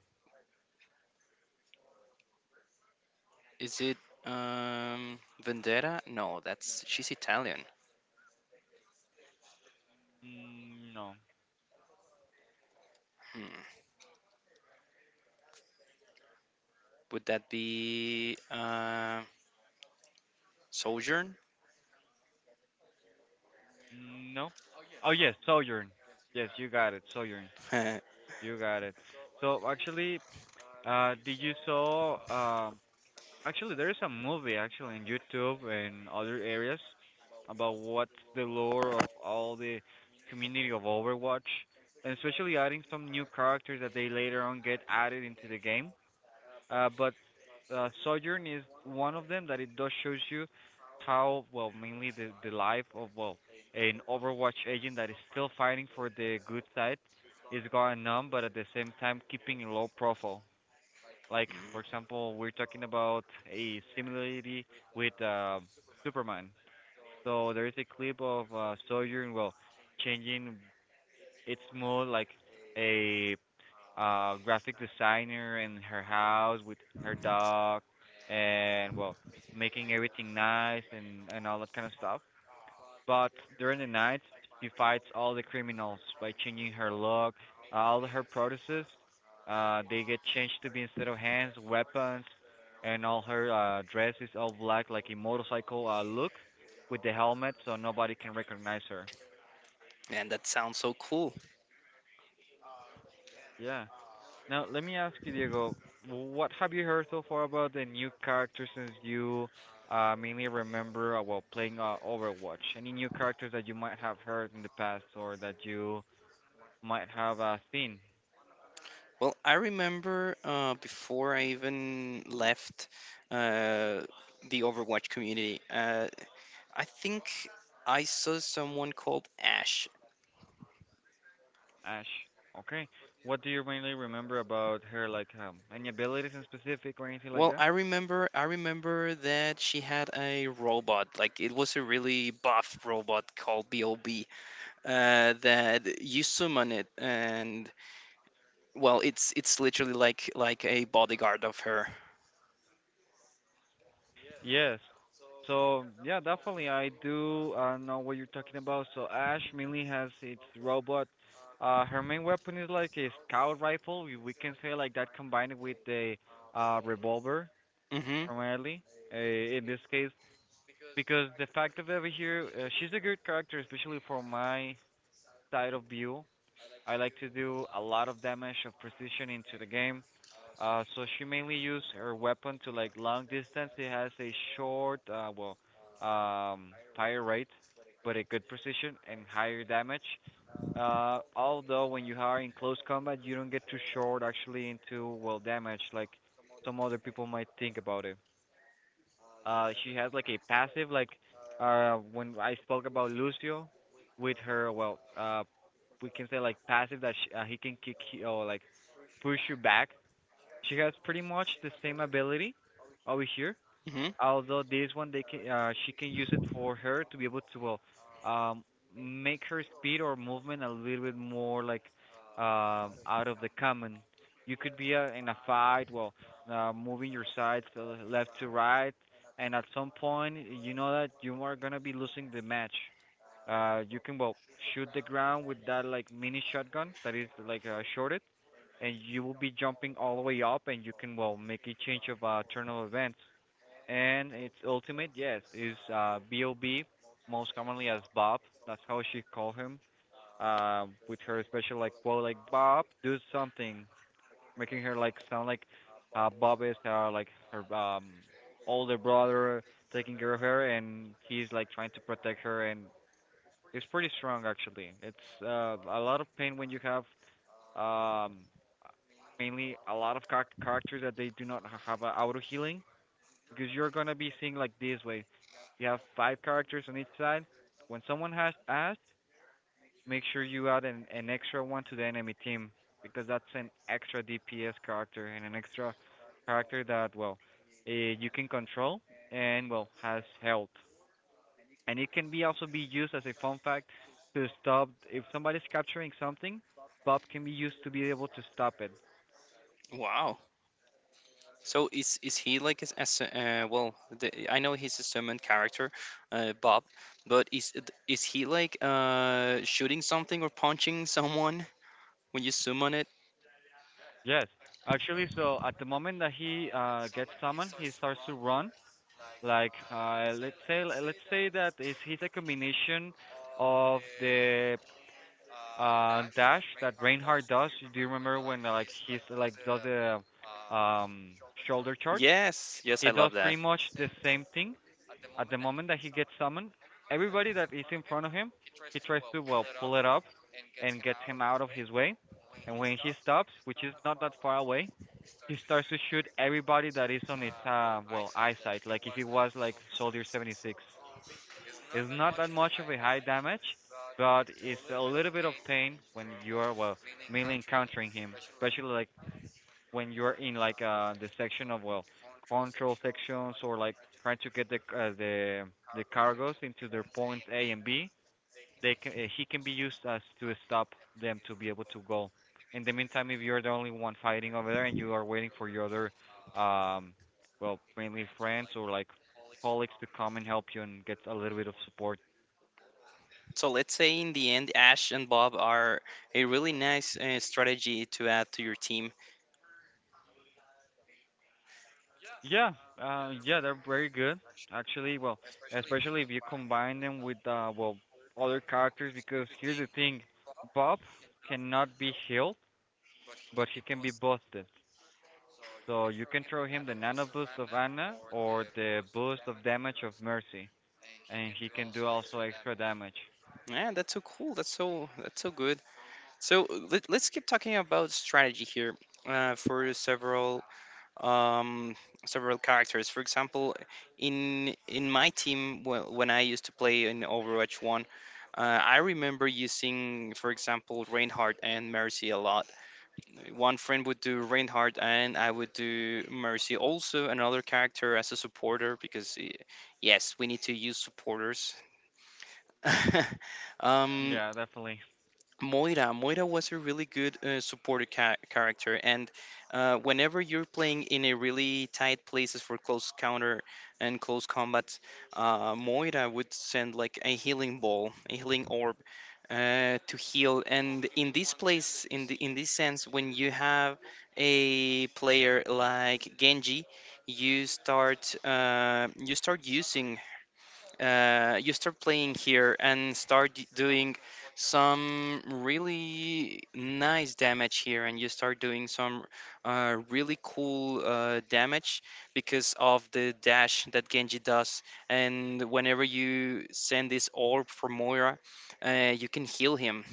[SPEAKER 2] Is it Vendetta? No, that's she's Italian.
[SPEAKER 1] Mm, no.
[SPEAKER 2] Hmm. Would that be Sojourn?
[SPEAKER 1] Mm, no. Oh yes, Sojourn. Yes, you got it, Sojourn.
[SPEAKER 2] Hmm.
[SPEAKER 1] You got it. So actually, did you saw actually, there is a movie actually in YouTube and other areas about what's the lore of all the community of Overwatch, and especially adding some new characters that they later on get added into the game. But Sojourn is one of them that it does shows you how well mainly the life of well an Overwatch agent that is still fighting for the good side is going on, but at the same time keeping a low profile. Like for example, we're talking about a similarity with Superman. So there is a clip of Sojourn well changing. It's mode, like a graphic designer in her house with her dog, and well making everything nice and all that kind of stuff. But during the night, she fights all the criminals by changing her look, all her processes. They get changed to be instead of hands, weapons, and all her dress is all black, like a motorcycle look, with the helmet, so nobody can recognize her.
[SPEAKER 2] Man, that sounds so cool.
[SPEAKER 1] Yeah. Now let me ask you, Diego, what have you heard so far about the new characters since you mainly remember while playing Overwatch? Any new characters that you might have heard in the past or that you might have seen?
[SPEAKER 2] Well, I remember before I even left uh, the Overwatch community, I think I saw someone called Ash.
[SPEAKER 1] Ash. Okay. What do you mainly remember about her, like any abilities in specific or anything like
[SPEAKER 2] Well,
[SPEAKER 1] that?
[SPEAKER 2] I remember that she had a robot, like it was a really buff robot called BOB, that you summon it, and well, it's literally like a bodyguard of her.
[SPEAKER 1] Yes. So yeah, definitely I do know what you're talking about. So Ash mainly has its robot. Her main weapon is like a scout rifle. We can say like that, combined with a revolver
[SPEAKER 2] Mm-hmm.
[SPEAKER 1] primarily. In this case, because the fact of over here, she's a good character, especially for my side of view. I like to do a lot of damage of precision into the game. So she mainly use her weapon to like long distance. It has a short, fire rate, but a good precision and higher damage. Although when you are in close combat, you don't get too short actually into well damage like some other people might think about it. She has like a passive, like when I spoke about Lucio with her well we can say like passive that he can kick you or like push you back. She has pretty much the same ability over here,
[SPEAKER 2] Mm-hmm.
[SPEAKER 1] although this one they can she can use it for her to be able to well um make her speed or movement a little bit more like out of the common. You could be in a fight well moving your sides to the left to right and at some point you know that you are going to be losing the match, you can well shoot the ground with that like mini shotgun that is like shorted, and you will be jumping all the way up and you can well make a change of turn of events. And its ultimate yes is Bob, most commonly as Bob, that's how she called him, with her special like quote like Bob do something, making her like sound like Bob is like her older brother taking care of her and he's like trying to protect her. And it's pretty strong actually. It's a lot of pain when you have um mainly a lot of characters that they do not have a auto healing because you're gonna be seeing like this way. You have 5 characters on each side. When someone has asked, make sure you add an extra one to the enemy team because that's an extra DPS character and an extra character that well you can control and well has health. And it can be also be used as a fun fact to stop if somebody's capturing something. Bob can be used to be able to stop it.
[SPEAKER 2] Wow. So is he like as well? The, I know he's a summoned character, Bob, but is he like shooting something or punching someone when you summon it?
[SPEAKER 1] Yes, actually. So at the moment that he gets summoned, he starts to run like let's say that is he's a combination of the dash that Reinhardt does. Do you remember when like he's like does the um shoulder charge?
[SPEAKER 2] Yes, yes,
[SPEAKER 1] He
[SPEAKER 2] I
[SPEAKER 1] does
[SPEAKER 2] love that.
[SPEAKER 1] pretty much the same thing at the moment that he gets summoned. Everybody that is in front of him, he tries to well pull it up and gets him out of his way. And when he stops, which is not that far away, he starts to shoot everybody that is on its well eyesight. Like if it was like Soldier 76, it's not that much of a high damage, but it's a little bit of pain when you are well mainly encountering him, especially like when you're in like the section of well control sections or like trying to get the the cargos into their points A and B. they can He can be used as to stop them to be able to go. In the meantime, if you're the only one fighting over there and you are waiting for your other, um, well, mainly friends or like colleagues to come and help you and get a little bit of support.
[SPEAKER 2] So let's say in the end, Ash and Bob are a really nice strategy to add to your team.
[SPEAKER 1] Yeah, yeah, they're very good actually. Well, especially if you combine them with well, other characters because here's the thing, Bob cannot be healed, but he can be busted. So you can throw him the Nano Boost of Ana or the Boost of Damage of Mercy, and he can do also extra damage.
[SPEAKER 2] Yeah, that's so cool. That's so good. So let's keep talking about strategy here for several um, several characters. For example, in my team when I used to play in Overwatch One, I remember using, for example, Reinhardt and Mercy a lot. One friend would do Reinhardt, and I would do Mercy. Also, another character as a supporter because, eh, yes, we need to use supporters. Um,
[SPEAKER 1] Yeah, definitely.
[SPEAKER 2] Moira. Moira was a really good supportive character, and whenever you're playing in a really tight places for close counter and close combat, Moira would send like a healing ball, a healing orb, to heal. And in this place, in the in this sense, when you have a player like Genji, you start using you start playing here and start doing some really nice damage here, and you start doing some really cool damage because of the dash that genji does. And whenever you send this orb for moira, you can heal him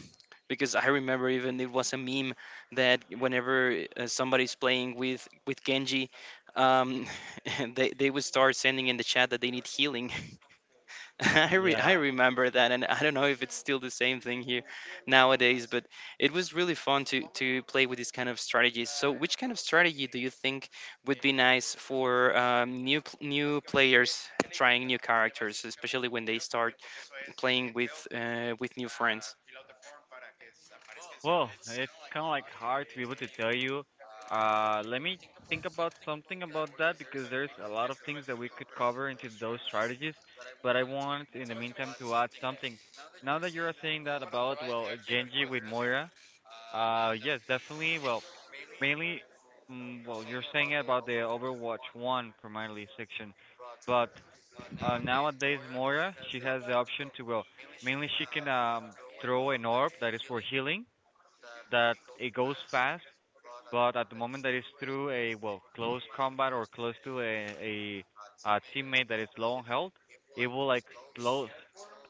[SPEAKER 2] because I remember, even it was a meme that whenever somebody's playing with Genji, um, they would start sending in the chat that they need healing. I
[SPEAKER 1] Yeah.
[SPEAKER 2] remember that, and I don't know if it's still the same thing here nowadays, but it was really fun to play with these kind of strategies. So, which kind of strategy do you think would be nice for new new players trying new characters, especially when they start playing with new friends?
[SPEAKER 1] Well, it's kind of like hard to be able to tell you. Let me think about something about that because there's a lot of things that we could cover into those strategies. But I want, in the meantime, to add something. Now that you're saying that about well Genji with Moira, yes, definitely. Well, mainly, well, you're saying about the Overwatch 1 primarily section, but nowadays Moira, she has the option to, well, mainly she can throw an orb that is for healing, that it goes fast, but at the moment that is through a well close combat or close to a teammate that is low on health, it will like slow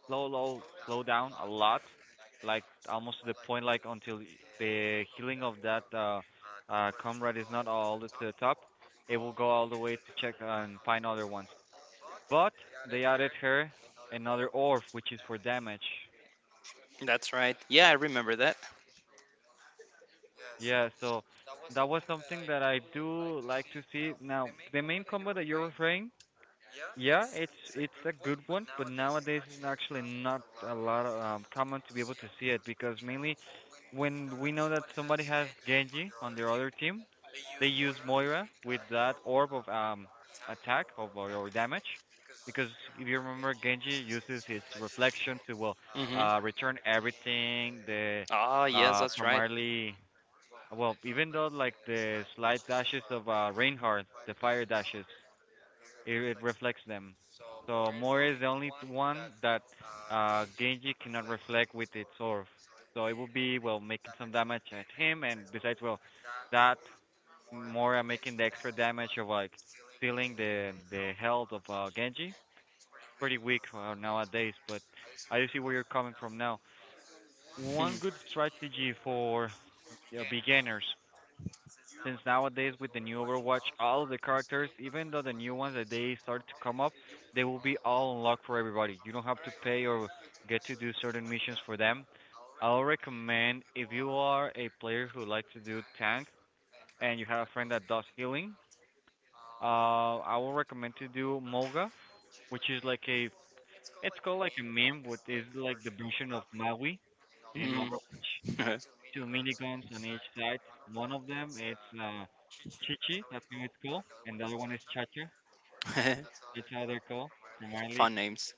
[SPEAKER 1] slow down a lot, like almost to the point like until the healing of that comrade is not all the way to the top, it will go all the way to check and find other ones. But they added her another orb, which is for damage.
[SPEAKER 2] That's right. Yeah, I remember that.
[SPEAKER 1] Yeah, so that was something that I do like to see. Now, the main combo that you're referring, yeah, it's a good one, but nowadays it's actually not a lot of, common to be able to see it because mainly when we know that somebody has Genji on their other team, they use Moira with that orb of attack of or damage because if you remember Genji uses his reflection to well
[SPEAKER 2] Hmm.
[SPEAKER 1] return everything the
[SPEAKER 2] Ah, yes, that's right.
[SPEAKER 1] primarily well, even though like the slight dashes of Reinhardt, the fire dashes, it reflects them. So Moira is the only one that Genji cannot reflect with its orb. So it will be well making some damage at him, and besides, well, that Moira making the extra damage of like stealing the health of Genji. Pretty weak nowadays, but I do see where you're coming from now.
[SPEAKER 2] Hmm.
[SPEAKER 1] One good strategy for beginners. Since nowadays with the new Overwatch, all of the characters, even though the new ones that they start to come up, they will be all unlocked for everybody. You don't have to pay or get to do certain missions for them. I'll recommend if you are a player who likes to do tank and you have a friend that does healing, I will recommend to do Moga, which is like a it's called like a meme, which is like the version of Maui in
[SPEAKER 2] Mhm.
[SPEAKER 1] Overwatch two minigames on each side. One of them it's Chichi, that's how it's called, and the other one is Chacha. That's how they're called, primarily.
[SPEAKER 2] Fun names.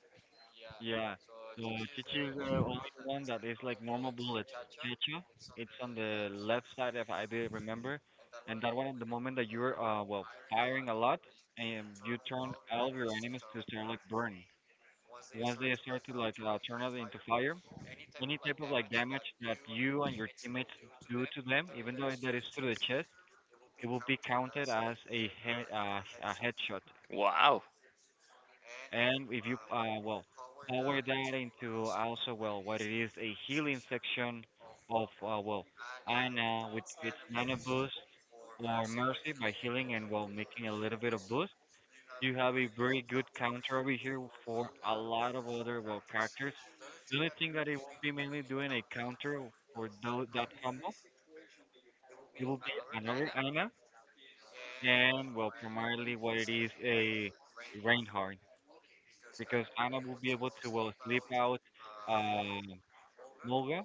[SPEAKER 1] Yeah. So Chichi is the only one that is like normal bullets. Chacha, it's on the left side if I do remember, and that one at the moment that you're well firing a lot, and you turn all of your enemies to start like burn. Once they start to like turn out into fire, any type of like damage that you and your teammates do to them, even though that is through the chest, it will be counted as a headshot.
[SPEAKER 2] Wow.
[SPEAKER 1] And if you well power that into also well what it is a healing section of well Ana with its nano boost or Mercy by healing and well making a little bit of boost, you have a very good counter over here for a lot of other well characters. The only thing that it will be mainly doing a counter for that combo, it will be another Ana and well primarily what it is a Reinhardt because Ana will be able to well sleep out um Mulga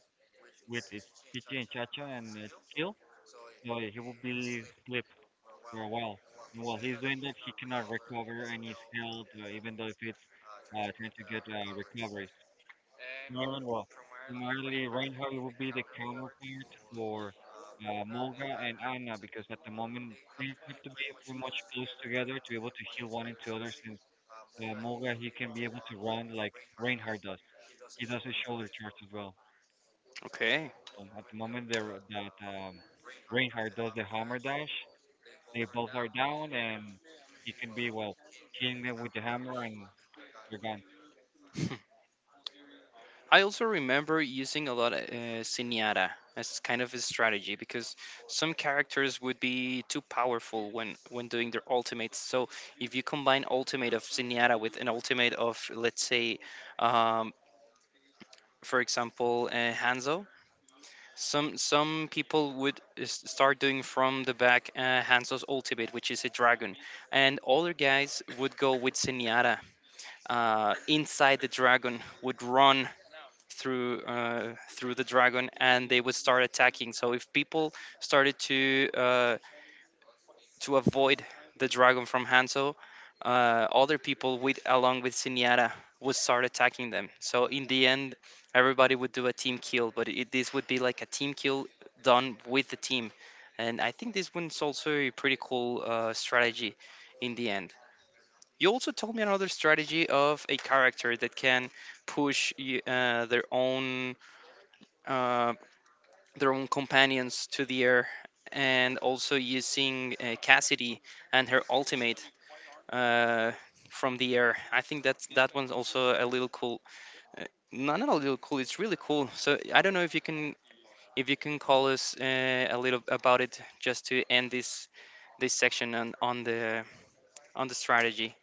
[SPEAKER 1] with its Pichi and Chacha and its kill, so he will be sleep for a while. And while he's doing that, he cannot recover and he's held, even though if it's trying to get recoveries. In well, primarily Ireland, Reinhardt would be the counterpart for Mulga and Anna because at the moment they have to be pretty much close together to be able to heal one into other since Mulga, he can be able to run like Reinhardt does. He does his shoulder charge as well.
[SPEAKER 2] Okay.
[SPEAKER 1] At the moment, they that Reinhardt does the hammer dash, they both are down, and he can be well hitting them with the hammer, and they're gone.
[SPEAKER 2] I also remember using a lot of Senyata as kind of a strategy because some characters would be too powerful when doing their ultimates. So if you combine ultimate of Senyata with an ultimate of, let's say, um, for example, Hanzo, some people would start doing from the back Hanzo's ultimate, which is a dragon, and other guys would go with Senyata inside the dragon, would run through through the dragon, and they would start attacking. So if people started to avoid the dragon from hanzo, other people with along with Siniara would start attacking them. So in the end, everybody would do a team kill, but this would be like a team kill done with the team, and I think this one's also a pretty cool strategy. In the end, you also told me another strategy of a character that can push their own uh, their own companions to the air, and also using Cassidy and her ultimate uh, from the air. I think that that one's also a little cool. Uh, not a little cool. It's really cool. So I don't know if you can call us a little about it just to end this section on, on the strategy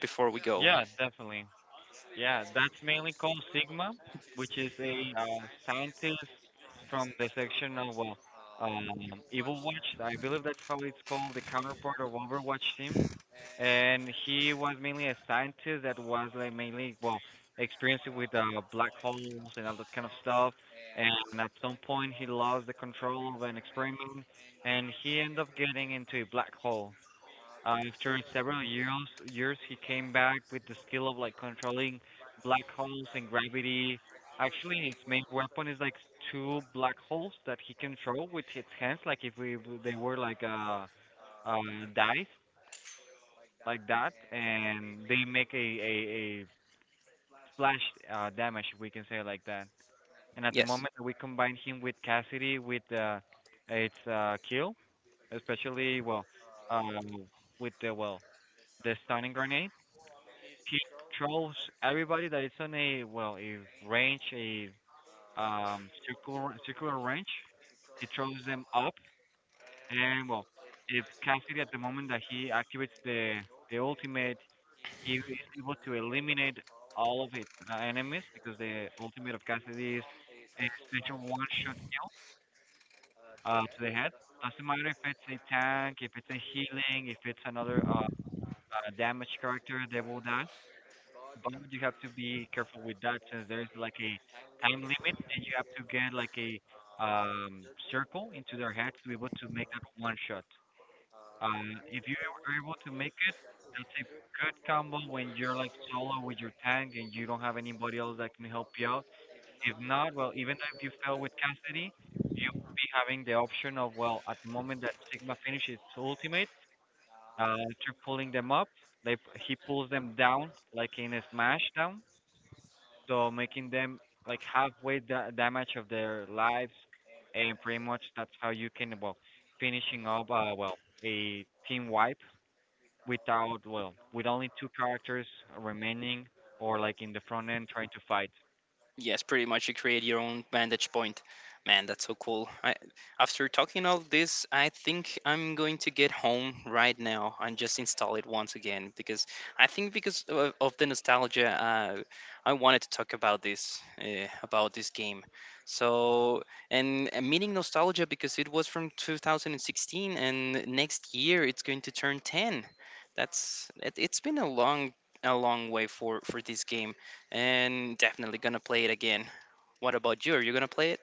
[SPEAKER 2] before we go.
[SPEAKER 1] Yeah, definitely. Yeah, that's mainly called Sigma, which is a scientist from the section of well, Evil Watch. I believe that's how it's called, the counterpart of Overwatch team. And he was mainly a scientist that was like mainly well experienced with black holes and all that kind of stuff. And at some point, he lost the control of an experiment, and he ended up getting into a black hole. After several years, he came back with the skill of like controlling black holes and gravity. Actually, his main weapon is like two black holes that he control with his hands, like if we they were like uh dice like that, and they make a splash damage, we can say it like that. And at the
[SPEAKER 2] Yes.
[SPEAKER 1] moment that we combine him with Cassidy with its kill, especially well, uh, with the well the stunning grenade, he controls everybody that is on a well a range a circular range. He throws them up, and well, if Cassidy at the moment that he activates the ultimate, he is able to eliminate all of his enemies because the ultimate of Cassidy is a special one-shot kill to the head. Doesn't matter if it's a tank, if it's a healing, if it's another damage character, they will die. But you have to be careful with that since there's like a time limit and you have to get like a circle into their head to be able to make that one shot. If you are able to make it, that's a good combo when you're like solo with your tank and you don't have anybody else that can help you out. If not, well, even if you fail with Cassidy, you will be having the option of, well, at the moment that Sigma finishes its ultimate, after pulling them up, he pulls them down like in a smash down, so making them like halfway damage of their lives, and pretty much that's how you can, well, finishing up, a team wipe without well with only two characters remaining or like in the front end trying to fight.
[SPEAKER 2] Yes, pretty much you create your own vantage point. Man, that's so cool. I, after talking all this, I think I'm going to get home right now and just install it once again because I think because of the nostalgia. I wanted to talk about this game. So, and meaning nostalgia because it was from 2016, and next year it's going to turn 10. That's it, it's been a long way for this game, and definitely gonna play it again. What about you? Are you gonna play it?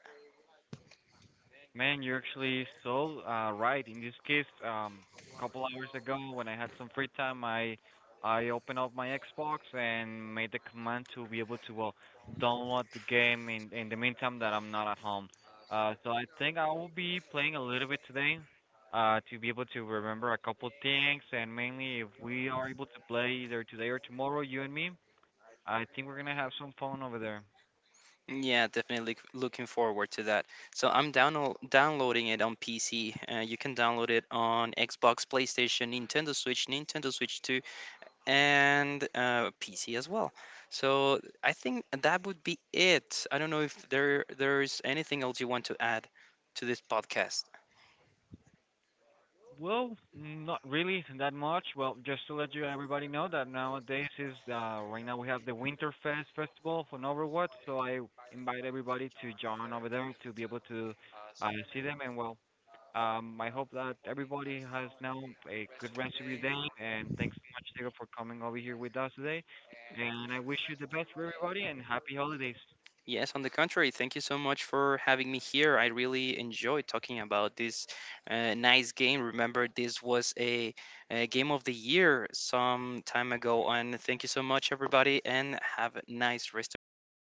[SPEAKER 1] Man, you're actually so right in this case. A couple hours ago when I had some free time, I opened up my Xbox and made the command to be able to well download the game in the meantime that I'm not at home, so I think I will be playing a little bit today, to be able to remember a couple things. And mainly if we are able to play either today or tomorrow, you and me, I think we're gonna have some fun over there.
[SPEAKER 2] Yeah, definitely looking forward to that. So I'm downloading it on PC. You can download it on Xbox, PlayStation, Nintendo Switch, Nintendo Switch 2, and PC as well. So I think that would be it. I don't know if there's anything else you want to add to this podcast.
[SPEAKER 1] Well, not really that much. Well, just to let you everybody know that nowadays is right now we have the Winterfest festival for Overwatch, so I invite everybody to join over there to be able to see them. And well, I hope that everybody has now a good rest of your day. And thanks so much, Diego, for coming over here with us today. And I wish you the best for everybody and happy holidays.
[SPEAKER 2] Yes, on the contrary, thank you so much for having me here. I really enjoyed talking about this nice game. Remember, this was a game of the year some time ago, and thank you so much, everybody, and have a nice rest of your day.